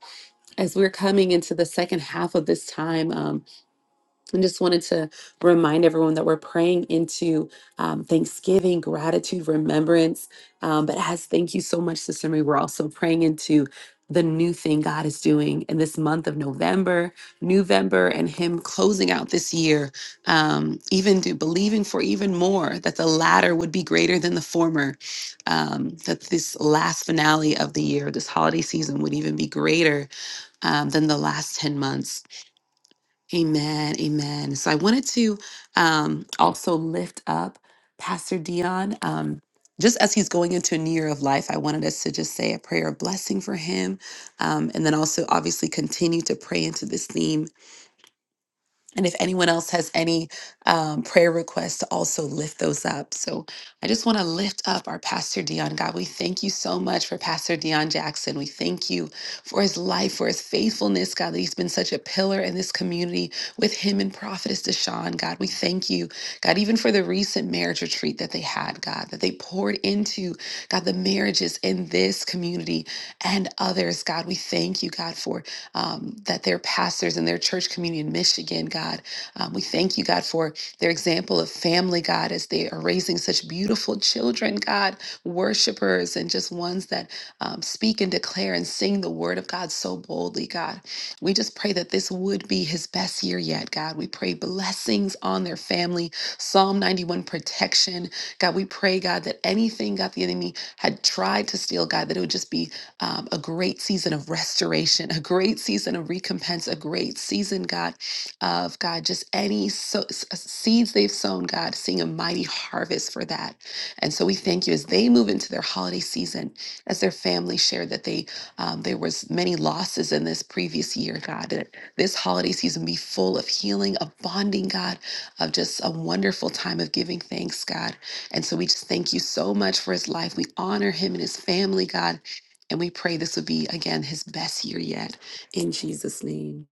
As we're coming into the second half of this time, um, I just wanted to remind everyone that we're praying into um, thanksgiving, gratitude, remembrance. Um, but as thank you so much, Sister Marie, we're also praying into the new thing God is doing in this month of November, November, and Him closing out this year, um, even do believing for even more that the latter would be greater than the former, um, that this last finale of the year, this holiday season, would even be greater um, than the last 10 months. Amen. Amen. So I wanted to um, also lift up Pastor Dion. Um, just as he's going into a new year of life, I wanted us to just say a prayer of blessing for him. Um, and then also, obviously, continue to pray into this theme and if anyone else has any um, prayer requests, to also lift those up. So I just want to lift up our Pastor Dion. God, we thank you so much for Pastor Dion Jackson. We thank you for his life, for his faithfulness, God, that he's been such a pillar in this community with him and Prophetess Deshawn, God, we thank you, God, even for the recent marriage retreat that they had, God, that they poured into, God, the marriages in this community and others. God, we thank you, God, for um, that their pastors and their church community in Michigan, God. Um, we thank you, God, for their example of family, God, as they are raising such beautiful children, God, worshipers and just ones that um, speak and declare and sing the word of God so boldly, God. We just pray that this would be his best year yet, God. We pray blessings on their family, Psalm 91 protection. God, we pray, God, that anything, God, the enemy had tried to steal, God, that it would just be um, a great season of restoration, a great season of recompense, a great season, God, of God, just any so, s- uh, seeds they've sown, God, seeing a mighty harvest for that. And so we thank you as they move into their holiday season, as their family shared that they um, there was many losses in this previous year, God, that this holiday season be full of healing, of bonding, God, of just a wonderful time of giving thanks, God. And so we just thank you so much for his life. We honor him and his family, God. And we pray this would be, again, his best year yet in Jesus' name.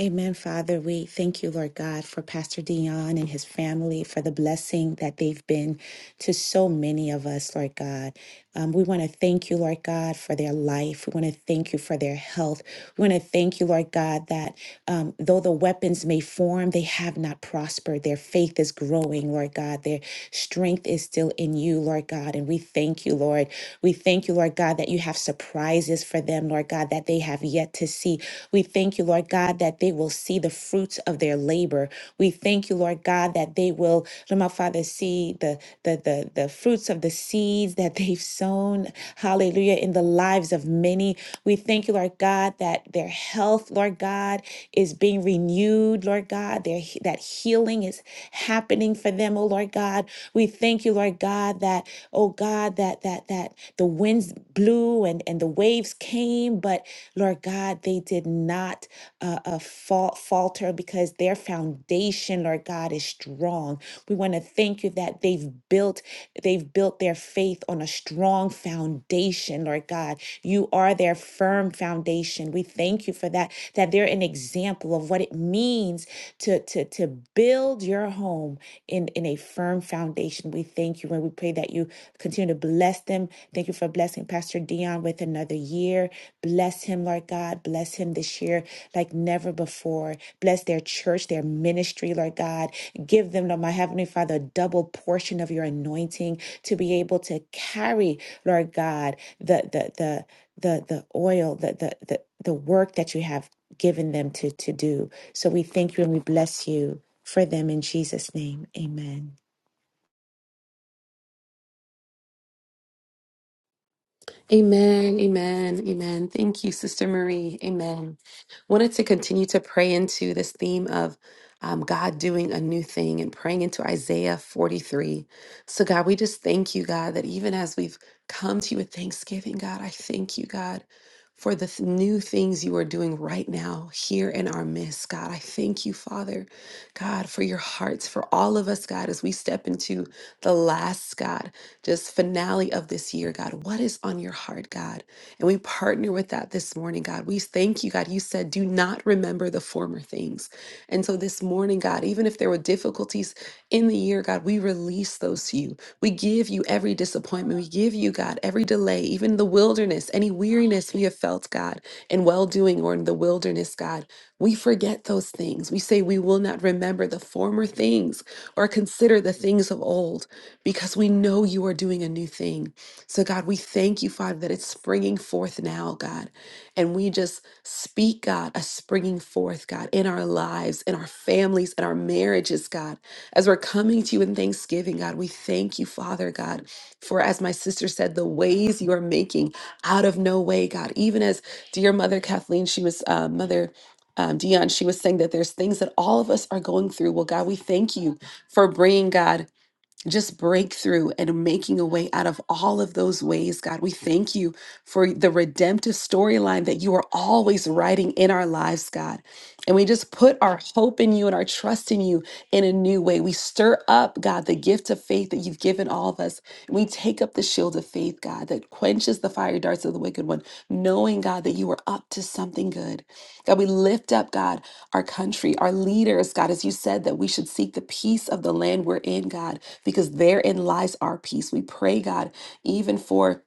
Amen, Father. We thank you, Lord God, for Pastor Dion and his family, for the blessing that they've been to so many of us, Lord God. Um, we want to thank you, Lord God, for their life. We want to thank you for their health. We want to thank you, Lord God, that um, though the weapons may form, they have not prospered. Their faith is growing, Lord God. Their strength is still in you, Lord God. And we thank you, Lord. We thank you, Lord God, that you have surprises for them, Lord God, that they have have yet to see. We thank you, Lord God, that they will see the fruits of their labor. We thank you, Lord God, that they will, Lord my Father, see the the the, the fruits of the seeds that they've sown. Hallelujah. In the lives of many. We thank you, Lord God, that their health, Lord God, is being renewed, Lord God. Their he- that healing is happening for them, oh Lord God. We thank you, Lord God, that, oh God, that that that the winds blew and, and the waves came, but Lord God, they did not uh, uh, fal- falter because their foundation, Lord God, is strong. We want to thank you that they've built they've built their faith on a strong foundation, Lord God. You are their firm foundation. We thank you for that. That they're an example of what it means to to to build your home in in a firm foundation. We thank you and we pray that you Continue to bless them. Thank you for blessing Pastor Dion with another year. Bless him, Lord God. Bless him this year like never before. Bless their church, their ministry, Lord God. Give them, Lord, my Heavenly Father, a double portion of your anointing to be able to carry, Lord God, the the the the the oil, the the the, the work that you have given them to to do. So we thank you and we bless you for them in Jesus' name. Amen. Amen, amen, amen. Thank you, Sister Marie. Amen. Wanted to continue to pray into this theme of um, God doing a new thing and praying into Isaiah 43. So, God, we just thank you, God, that even as we've come to you with thanksgiving, God, I thank you, God, for the th- new things you are doing right now here in our midst, God. I thank you, Father, God, for your hearts, for all of us, God, as we step into the last, God just finale of this year, God. What is on your heart, God? And we partner with that this morning, God. We thank you, God. You said, do not remember the former things. And so this morning, God, even if there were difficulties in the year, God, we release those to you. We give you every disappointment. We give you, God, every delay, even the wilderness, any weariness we have felt, God, in well doing or in the wilderness, God. We forget those things. We say we will not remember the former things or consider the things of old because we know you are doing a new thing. So, God, we thank you, Father, that it's springing forth now, God. And we just speak, God, a springing forth, God, in our lives, in our families, in our marriages, God. As we're coming to you in thanksgiving, God, we thank you, Father, God, for as my sister said, the ways you are making out of no way, God. Even as dear Mother Kathleen, she was uh, Mother. Um, Dion, she was saying that there's things that all of us are going through. Well, God, we thank you for bringing God just breakthrough and making a way out of all of those ways, God. We thank you for the redemptive storyline that you are always writing in our lives, God. And we just put our hope in you and our trust in you in a new way. We stir up, God, the gift of faith that you've given all of us. And we take up the shield of faith, God, that quenches the fiery darts of the wicked one, knowing, God, that you are up to something good. God, we lift up, God, our country, our leaders, God, as you said that we should seek the peace of the land we're in, God because therein lies our peace. We pray, God, even for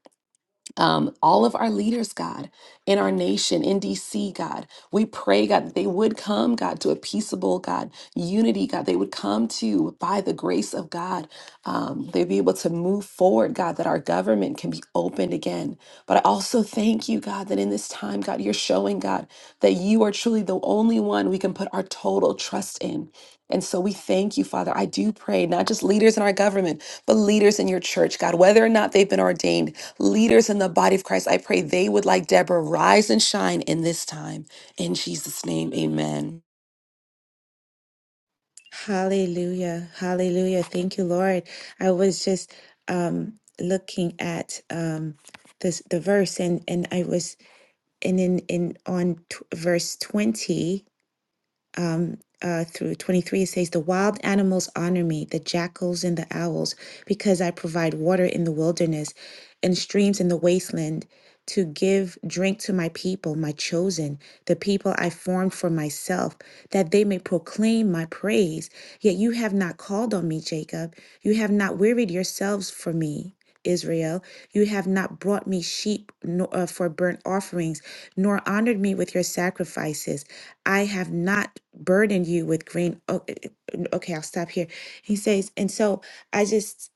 um, all of our leaders, God, in our nation, in DC, God. We pray, God, that they would come, God, to a peaceable, God, unity, God. They would come to, by the grace of God, um, they'd be able to move forward, God, that our government can be opened again. But I also thank you, God, that in this time, God, you're showing, God, that you are truly the only one we can put our total trust in. And so we thank you, Father. I do pray, not just leaders in our government, but leaders in your church, God, whether or not they've been ordained, leaders in the body of Christ, I pray they would, like Deborah, rise and shine in this time. In Jesus' name, amen. Hallelujah. Hallelujah. Thank you, Lord. I was just um looking at um this the verse and and I was and in in on t- verse 20 uh, through 23, it says, The wild animals honor me, the jackals and the owls, because I provide water in the wilderness and streams in the wasteland to give drink to my people, my chosen, the people I formed for myself, that they may proclaim my praise. Yet you have not called on me, Jacob. You have not wearied yourselves for me. Israel, you have not brought me sheep nor, uh, for burnt offerings, nor honored me with your sacrifices. I have not burdened you with grain. Oh, eh, eh, okay, I'll stop here. He says, and so I just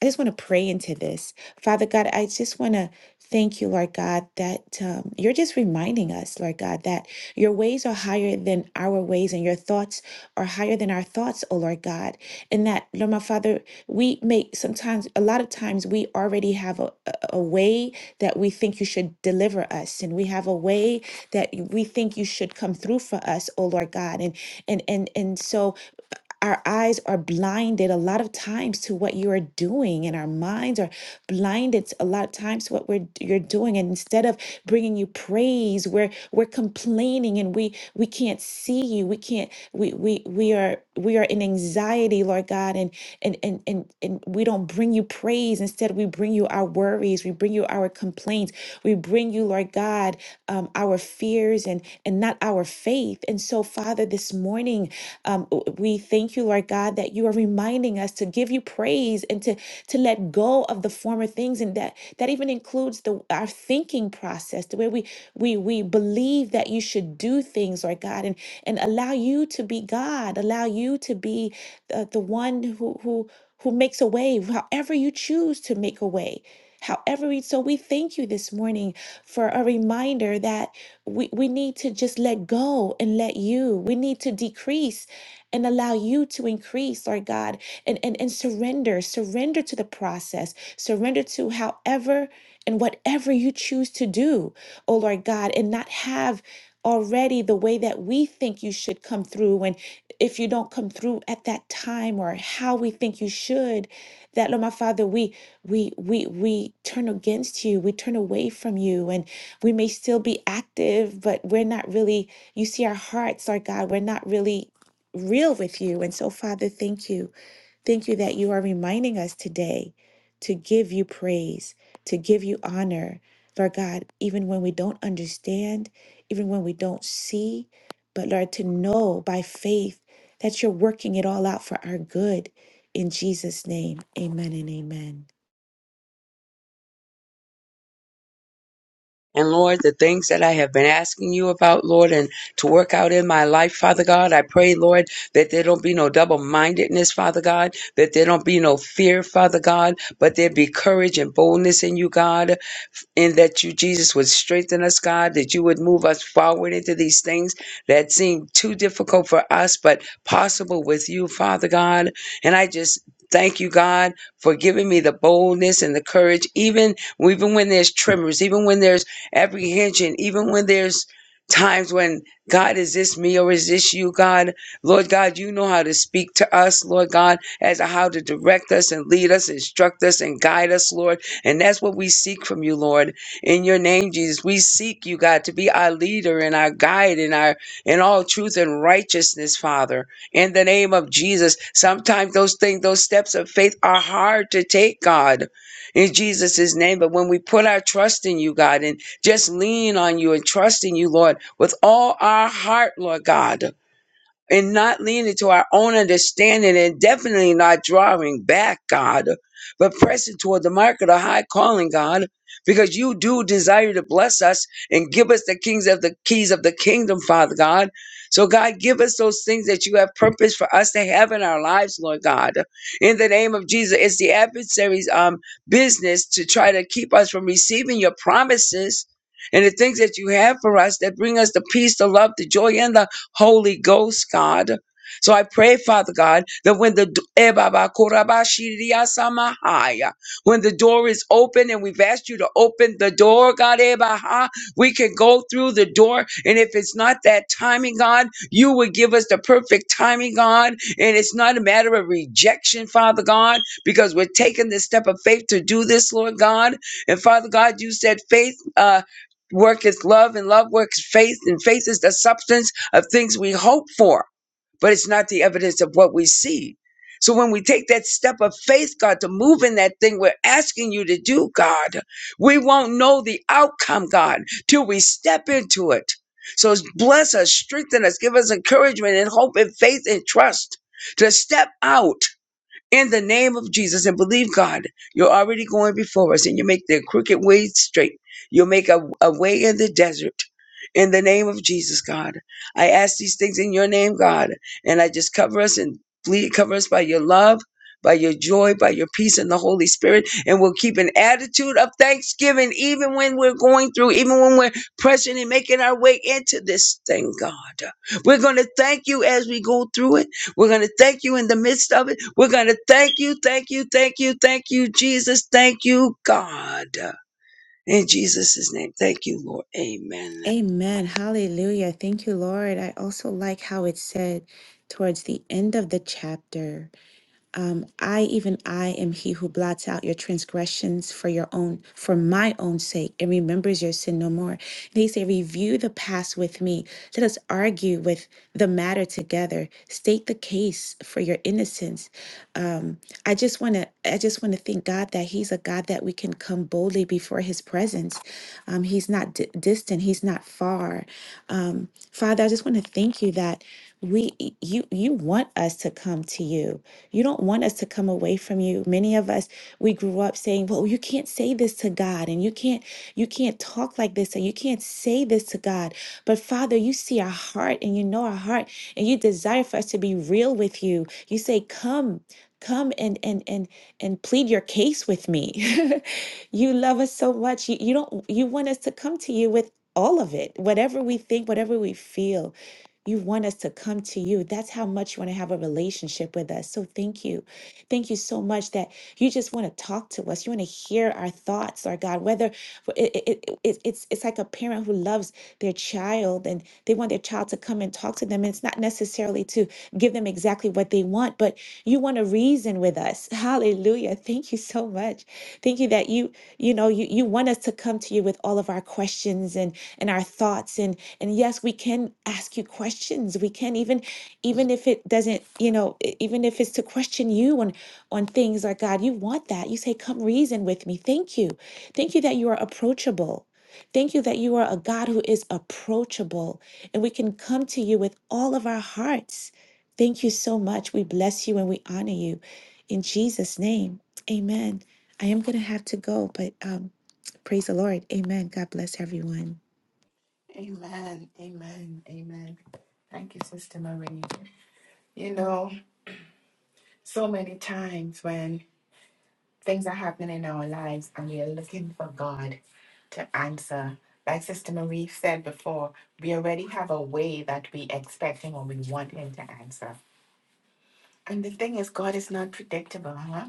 I just want to pray into this. Father God, I just want to thank you, Lord God, that um, you're just reminding us, Lord God, that your ways are higher than our ways and your thoughts are higher than our thoughts, oh Lord God. And that, Lord my Father, we make sometimes, a lot of times, we already have a, a a way that we think you should deliver us. And we have a way that we think you should come through for us, oh Lord God. And and and and so our eyes are blinded a lot of times to what you are doing and our minds are blinded a lot of times to what we're you're doing and instead of bringing you praise we're we're complaining and we we can't see you we can't we we we are we are in anxiety lord god and and and and, and we don't bring you praise instead we bring you our worries we bring you our complaints we bring you lord god um, our fears and and not our faith and so father this morning um, we thank you, Lord God, that you are reminding us to give you praise and to to let go of the former things, and that that even includes the our thinking process, the way we we we believe that you should do things, Lord God, and and allow you to be God, allow you to be the, the one who who who makes a way, however you choose to make a way. However, we- so we thank you this morning for a reminder that we, we need to just let go and let you. We need to decrease and allow you to increase, Lord God, and, and, and surrender, surrender to the process, surrender to however and whatever you choose to do, oh Lord God, and not have already the way that we think you should come through. And if you don't come through at that time or how we think you should, that Lord my Father, we we we we turn against you, we turn away from you, and we may still be active, but we're not really, you see our hearts, our God, we're not really real with you. And so, Father, thank you. Thank you that you are reminding us today to give you praise, to give you honor, Lord God, even when we don't understand even when we don't see, but Lord, to know by faith that you're working it all out for our good. In Jesus' name, amen and amen. And Lord, the things that I have been asking you about, Lord, and to work out in my life, Father God, I pray, Lord, that there don't be no double mindedness, Father God, that there don't be no fear, Father God, but there be courage and boldness in you, God and that you, Jesus, would strengthen us, God, that you would move us forward into these things that seem too difficult for us, but possible with you, Father God. And I just thank you, God, for giving me the boldness and the courage, even even when there's tremors, even when there's apprehension, even when there's times when God, is this me or is this you, God? Lord God, you know how to speak to us, Lord God, as to how to direct us and lead us, instruct us and guide us, Lord. And that's what we seek from you, Lord. In your name, Jesus, we seek you, God, to be our leader and our guide and our in all truth and righteousness, Father. In the name of Jesus. Sometimes those things, those steps of faith are hard to take, God. In Jesus' name. But when we put our trust in you, God, and just lean on you and trust in you, Lord, with all our heart, Lord God and not leaning to our own understanding and definitely not drawing back, God, but pressing toward the mark of the high calling, God, because you do desire to bless us and give us the kings of the keys of the kingdom, Father God. So God, give us those things that you have purposed for us to have in our lives, Lord God. In the name of Jesus, it's the adversary's um business to try to keep us from receiving your promises and the things that you have for us that bring us the peace, the love, the joy, and the Holy Ghost, God. So I pray, Father God, that when the eh, Baba, Korabashiriya Samahaya, when the door is open and we've asked you to open the door, God, eh, Baha, we can go through the door. And if it's not that timing, God, you would give us the perfect timing, God. And it's not a matter of rejection, Father God, because we're taking this step of faith to do this, Lord God. And Father God, you said faith, uh, Worketh love and love works faith, and faith is the substance of things we hope for, but it's not the evidence of what we see. So when we take that step of faith, God, to move in that thing we're asking you to do, God, we won't know the outcome, God, till we step into it. So bless us, strengthen us, give us encouragement and hope and faith and trust to step out in the name of Jesus and believe God. You're already going before us and you make the crooked way straight. You'll make a, a way in the desert. In the name of Jesus, God. I ask these things in your name, God. And I just cover us and plead, cover us by your love, by your joy, by your peace and the Holy Spirit. And we'll keep an attitude of thanksgiving even when we're going through, even when we're pressing and making our way into this thing, God. We're going to thank you as we go through it. We're going to thank you in the midst of it. We're going to thank you, thank you, thank you, thank you, Jesus. Thank you, God. In Jesus' name, thank you, Lord. Amen. Amen. Hallelujah. Thank you, Lord. I also like how it said towards the end of the chapter. Um, I even I am he who blots out your transgressions for your own, for my own sake, and remembers your sin no more. They say, Review the past with me. Let us argue with the matter together. State the case for your innocence um, I just want to I just want to thank God that He's a God that we can come boldly before His presence. Um, he's not di- distant. He's not far. Um, Father, I just want to thank you that we you you want us to come to you. You don't want us to come away from you. Many of us we grew up saying, "Well, you can't say this to God, and you can't you can't talk like this, and you can't say this to God." But Father, you see our heart, and you know our heart, and you desire for us to be real with you. You say, "Come." come and and and and plead your case with me you love us so much you, you don't you want us to come to you with all of it whatever we think whatever we feel you want us to come to you that's how much you want to have a relationship with us so thank you thank you so much that you just want to talk to us. You want to hear our thoughts, Lord God. Whether it, it, it, it- it's it's like a parent who loves their child and they want their child to come and talk to them. And it's not necessarily to give them exactly what they want, but you want to reason with us. Hallelujah. Thank you so much. Thank you that you you you know you, you want us to come to you with all of our questions and and our thoughts and and yes we can ask you questions we can even even if it doesn't you know e- even if it's to question you on on things like god you want that you say come reason with me thank you thank you that you are approachable Thank you that you are a God who is approachable and we can come to you with all of our hearts. Thank you so much. We bless you and we honor you. In Jesus' name, amen. I am going to have to go, but um, praise the Lord. Amen. God bless everyone. Amen, amen, amen. Thank you, Sister Marie. You know, so many times when things are happening in our lives and we are looking for God to answer, like Sister Marie said before, we already have a way that we expect Him or we want Him to answer. And the thing is, God is not predictable, huh?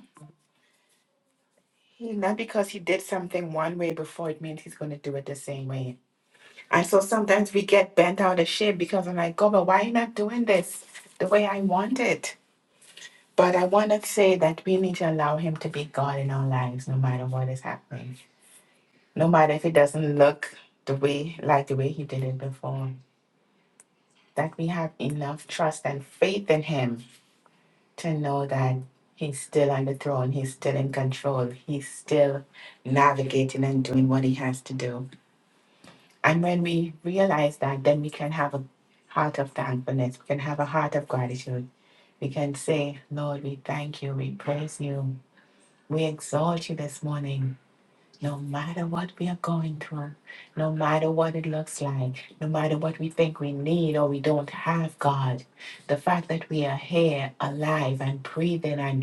He- Not because he did something one way before, it means he's going to do it the same way. And so sometimes we get bent out of shape because I'm like, God, but why you not doing this the way I want it? But I want to say that we need to allow him to be God in our lives, no matter what is happening, no matter if it doesn't look the way, like the way he did it before. That we have enough trust and faith in him to know that he's still on the throne, he's still in control, he's still navigating and doing what he has to do. And when we realize that, then we can have a heart of thankfulness, we can have a heart of gratitude. We can say, Lord, we thank you, we praise you, we exalt you this morning. No matter what we are going through, no matter what it looks like, no matter what we think we need or we don't have, God, the fact that we are here alive and breathing and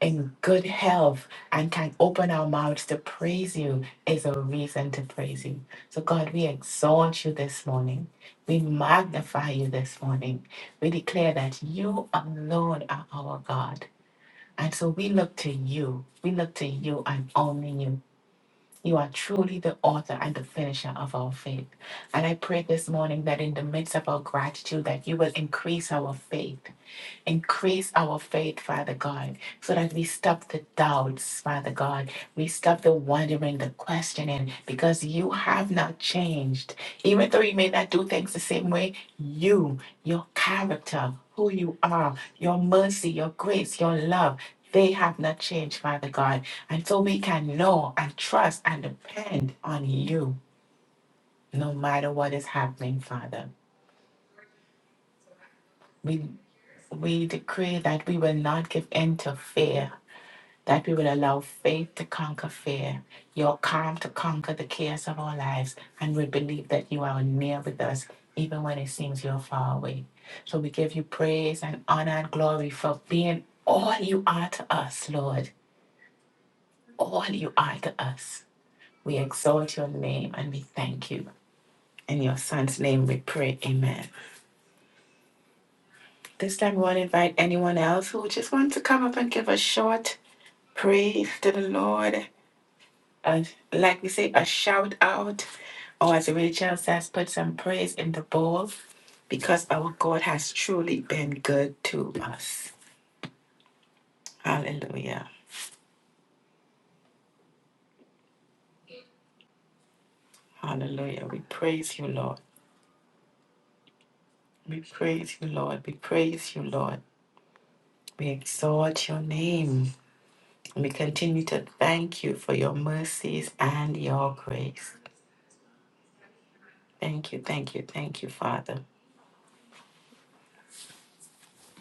in good health and can open our mouths to praise you is a reason to praise you. So, God, we exalt you this morning. We magnify you this morning. We declare that you alone are our God. And so we look to you. We look to you and only you. You are truly the author and the finisher of our faith. And I pray this morning that in the midst of our gratitude that you will increase our faith Increase our faith, Father God, so that we stop the doubts, Father God. We stop the wondering, the questioning, because you have not changed. Even though you may not do things the same way, you, your character, who you are, your mercy, your grace, your love, they have not changed, Father God. And so we can know and trust and depend on you no matter what is happening, Father. We we decree that we will not give in to fear that we will allow faith to conquer fear, your calm to conquer the chaos of our lives, and we believe that you are near with us even when it seems you're far away. So we give you praise and honor and glory for being all you are to us, Lord. All you are to us. We exalt your name and we thank you. In your son's name we pray, amen. This time we want to invite anyone else who just wants to come up and give a short praise to the Lord a, like we say, a shout out, or as Rachel says, put some praise in the bowl because our God has truly been good to us. Hallelujah. Hallelujah. We praise you, Lord. We praise you, Lord. We praise you, Lord. We exalt your name. We continue to thank you for your mercies and your grace. Thank you, thank you, thank you, Father.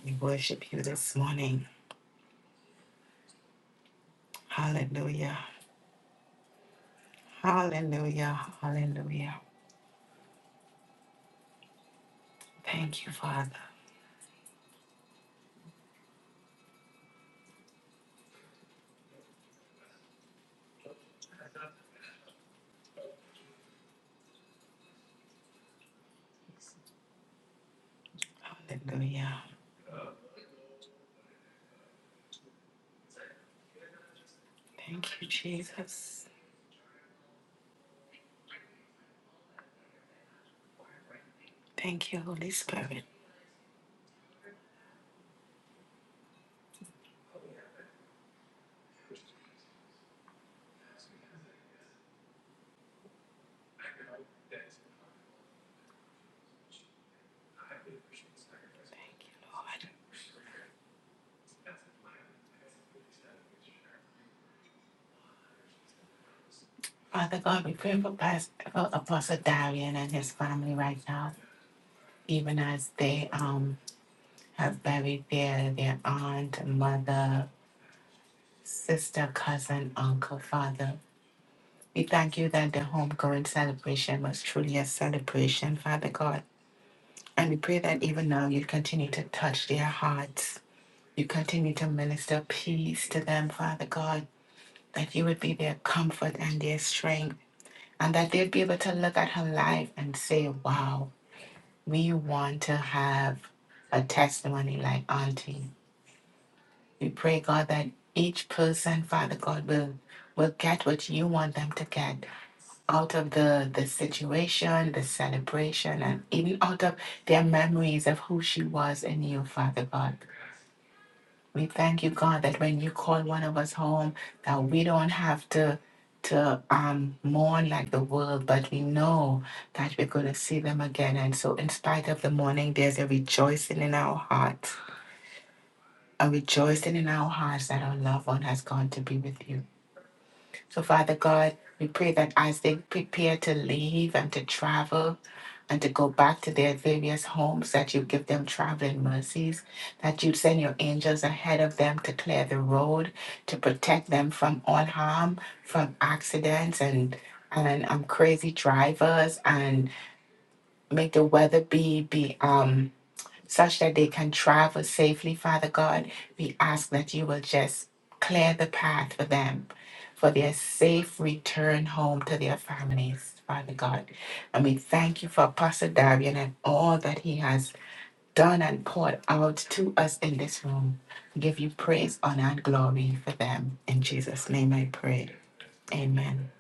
We worship you this morning. Hallelujah. Hallelujah. Hallelujah. Thank you, Father. Hallelujah. Thank you, Jesus. Thank you, Holy Spirit. Thank you, Lord. Father God, we pray for Pas- for Apostle Darian and his family right now, even as they um have buried their, their aunt, mother, sister, cousin, uncle, father. We thank you that the homegoing celebration was truly a celebration, Father God. And we pray that even now you continue to touch their hearts You continue to minister peace to them, Father God, that you would be their comfort and their strength, and that they'd be able to look at her life and say, Wow, we want to have a testimony like Auntie. We pray, God, that each person, Father God, will will get what you want them to get out of the the situation, the celebration, and even out of their memories of who she was in you, Father God. We thank you, God, that when you call one of us home, that we don't have to to um, mourn like the world, but we know that we're going to see them again. And so, in spite of the mourning, there's a rejoicing in our hearts, a rejoicing in our hearts that our loved one has gone to be with you. So, Father God, we pray that as they prepare to leave and to travel and to go back to their various homes, that you give them traveling mercies, that you send your angels ahead of them to clear the road, to protect them from all harm, from accidents and and um, crazy drivers, and make the weather be be um such that they can travel safely, Father God. We ask that you will just clear the path for them for their safe return home to their families, Father God. And we thank you for Apostle Darian and all that he has done and poured out to us in this room. We give you praise, honor, and glory for them. In Jesus' name I pray. Amen.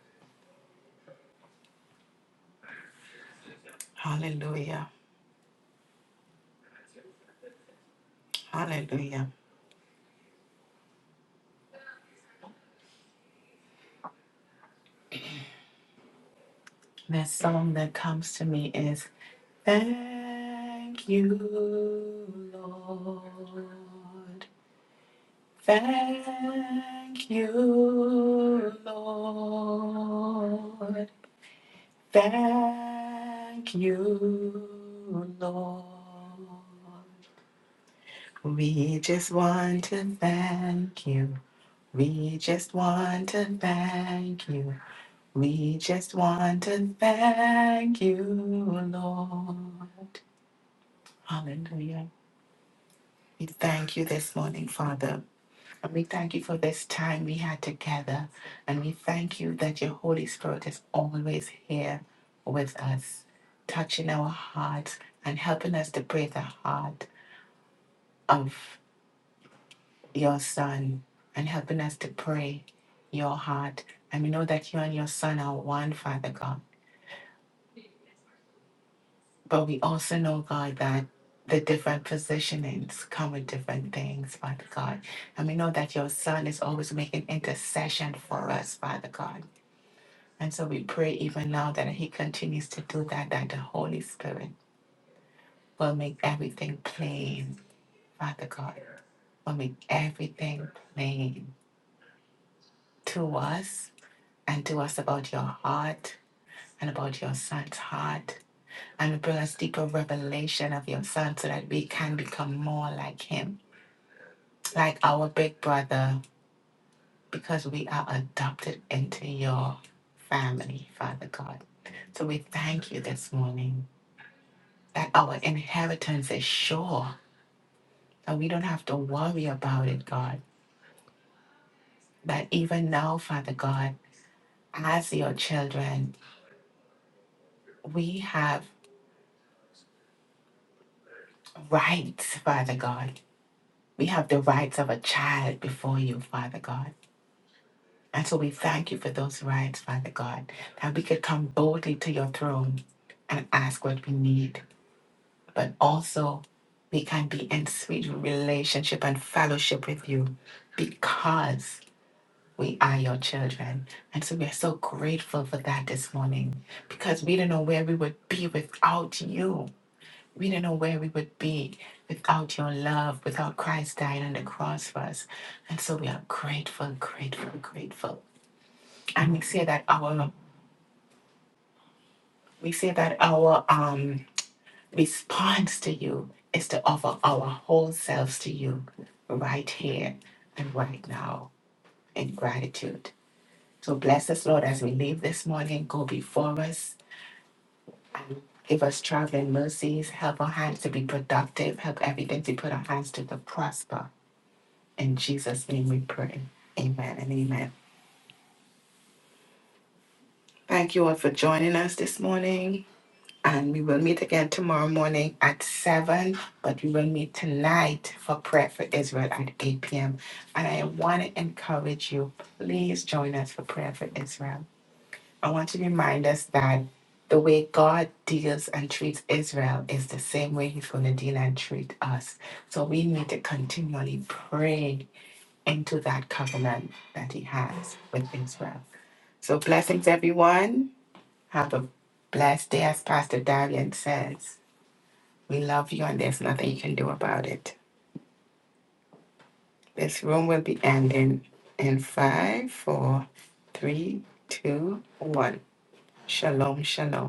Hallelujah. Hallelujah. The song that comes to me is Thank you, Lord. Thank you, Lord. Thank you, Lord. We just want to thank you. We just want to thank you. We just want to thank you, Lord. Hallelujah. We thank you this morning, Father. And we thank you for this time we had together. And we thank you that your Holy Spirit is always here with us, touching our hearts and helping us to pray the heart of your Son and helping us to pray your heart. And we know that you and your Son are one, Father God. But we also know, God, that the different positionings come with different things, Father God. And we know that your Son is always making intercession for us, Father God. And so we pray even now that He continues to do that, that the Holy Spirit will make everything plain, Father God, will make everything plain to us and to us about your heart and about your Son's heart. And bring us deeper revelation of your Son so that we can become more like Him like our big brother, because we are adopted into your family, Father God. So we thank you this morning that our inheritance is sure, that we don't have to worry about it, God. That even now, Father God, as your children, we have rights, Father God. We have the rights of a child before you, Father God. And so we thank you for those rights, Father God, that we could come boldly to your throne and ask what we need but also we can be in sweet relationship and fellowship with you because we are your children. And so we are so grateful for that this morning because we don't know where we would be without you. We don't know where we would be without your love, without Christ dying on the cross for us. And so we are grateful, grateful, grateful. And we say that our we say that our um response to you is to offer our whole selves to you right here and right now in gratitude. So bless us, Lord, as we leave this morning. Go before us. Give us traveling mercies. Help our hands to be productive. Help everything to put our hands to to prosper. In Jesus' name we pray. Amen and amen. Thank you all for joining us this morning. And we will meet again tomorrow morning at 7, but we will meet tonight for prayer for Israel at 8 p.m. And I want to encourage you, please join us for prayer for Israel. I want to remind us that the way God deals and treats Israel is the same way He's going to deal and treat us. So we need to continually pray into that covenant that He has with Israel. So blessings, everyone. Have a blessed day, as Pastor Darian says. We love you, and there's nothing you can do about it. This room will be ending in five, four, three, two, one. Shalom, shalom.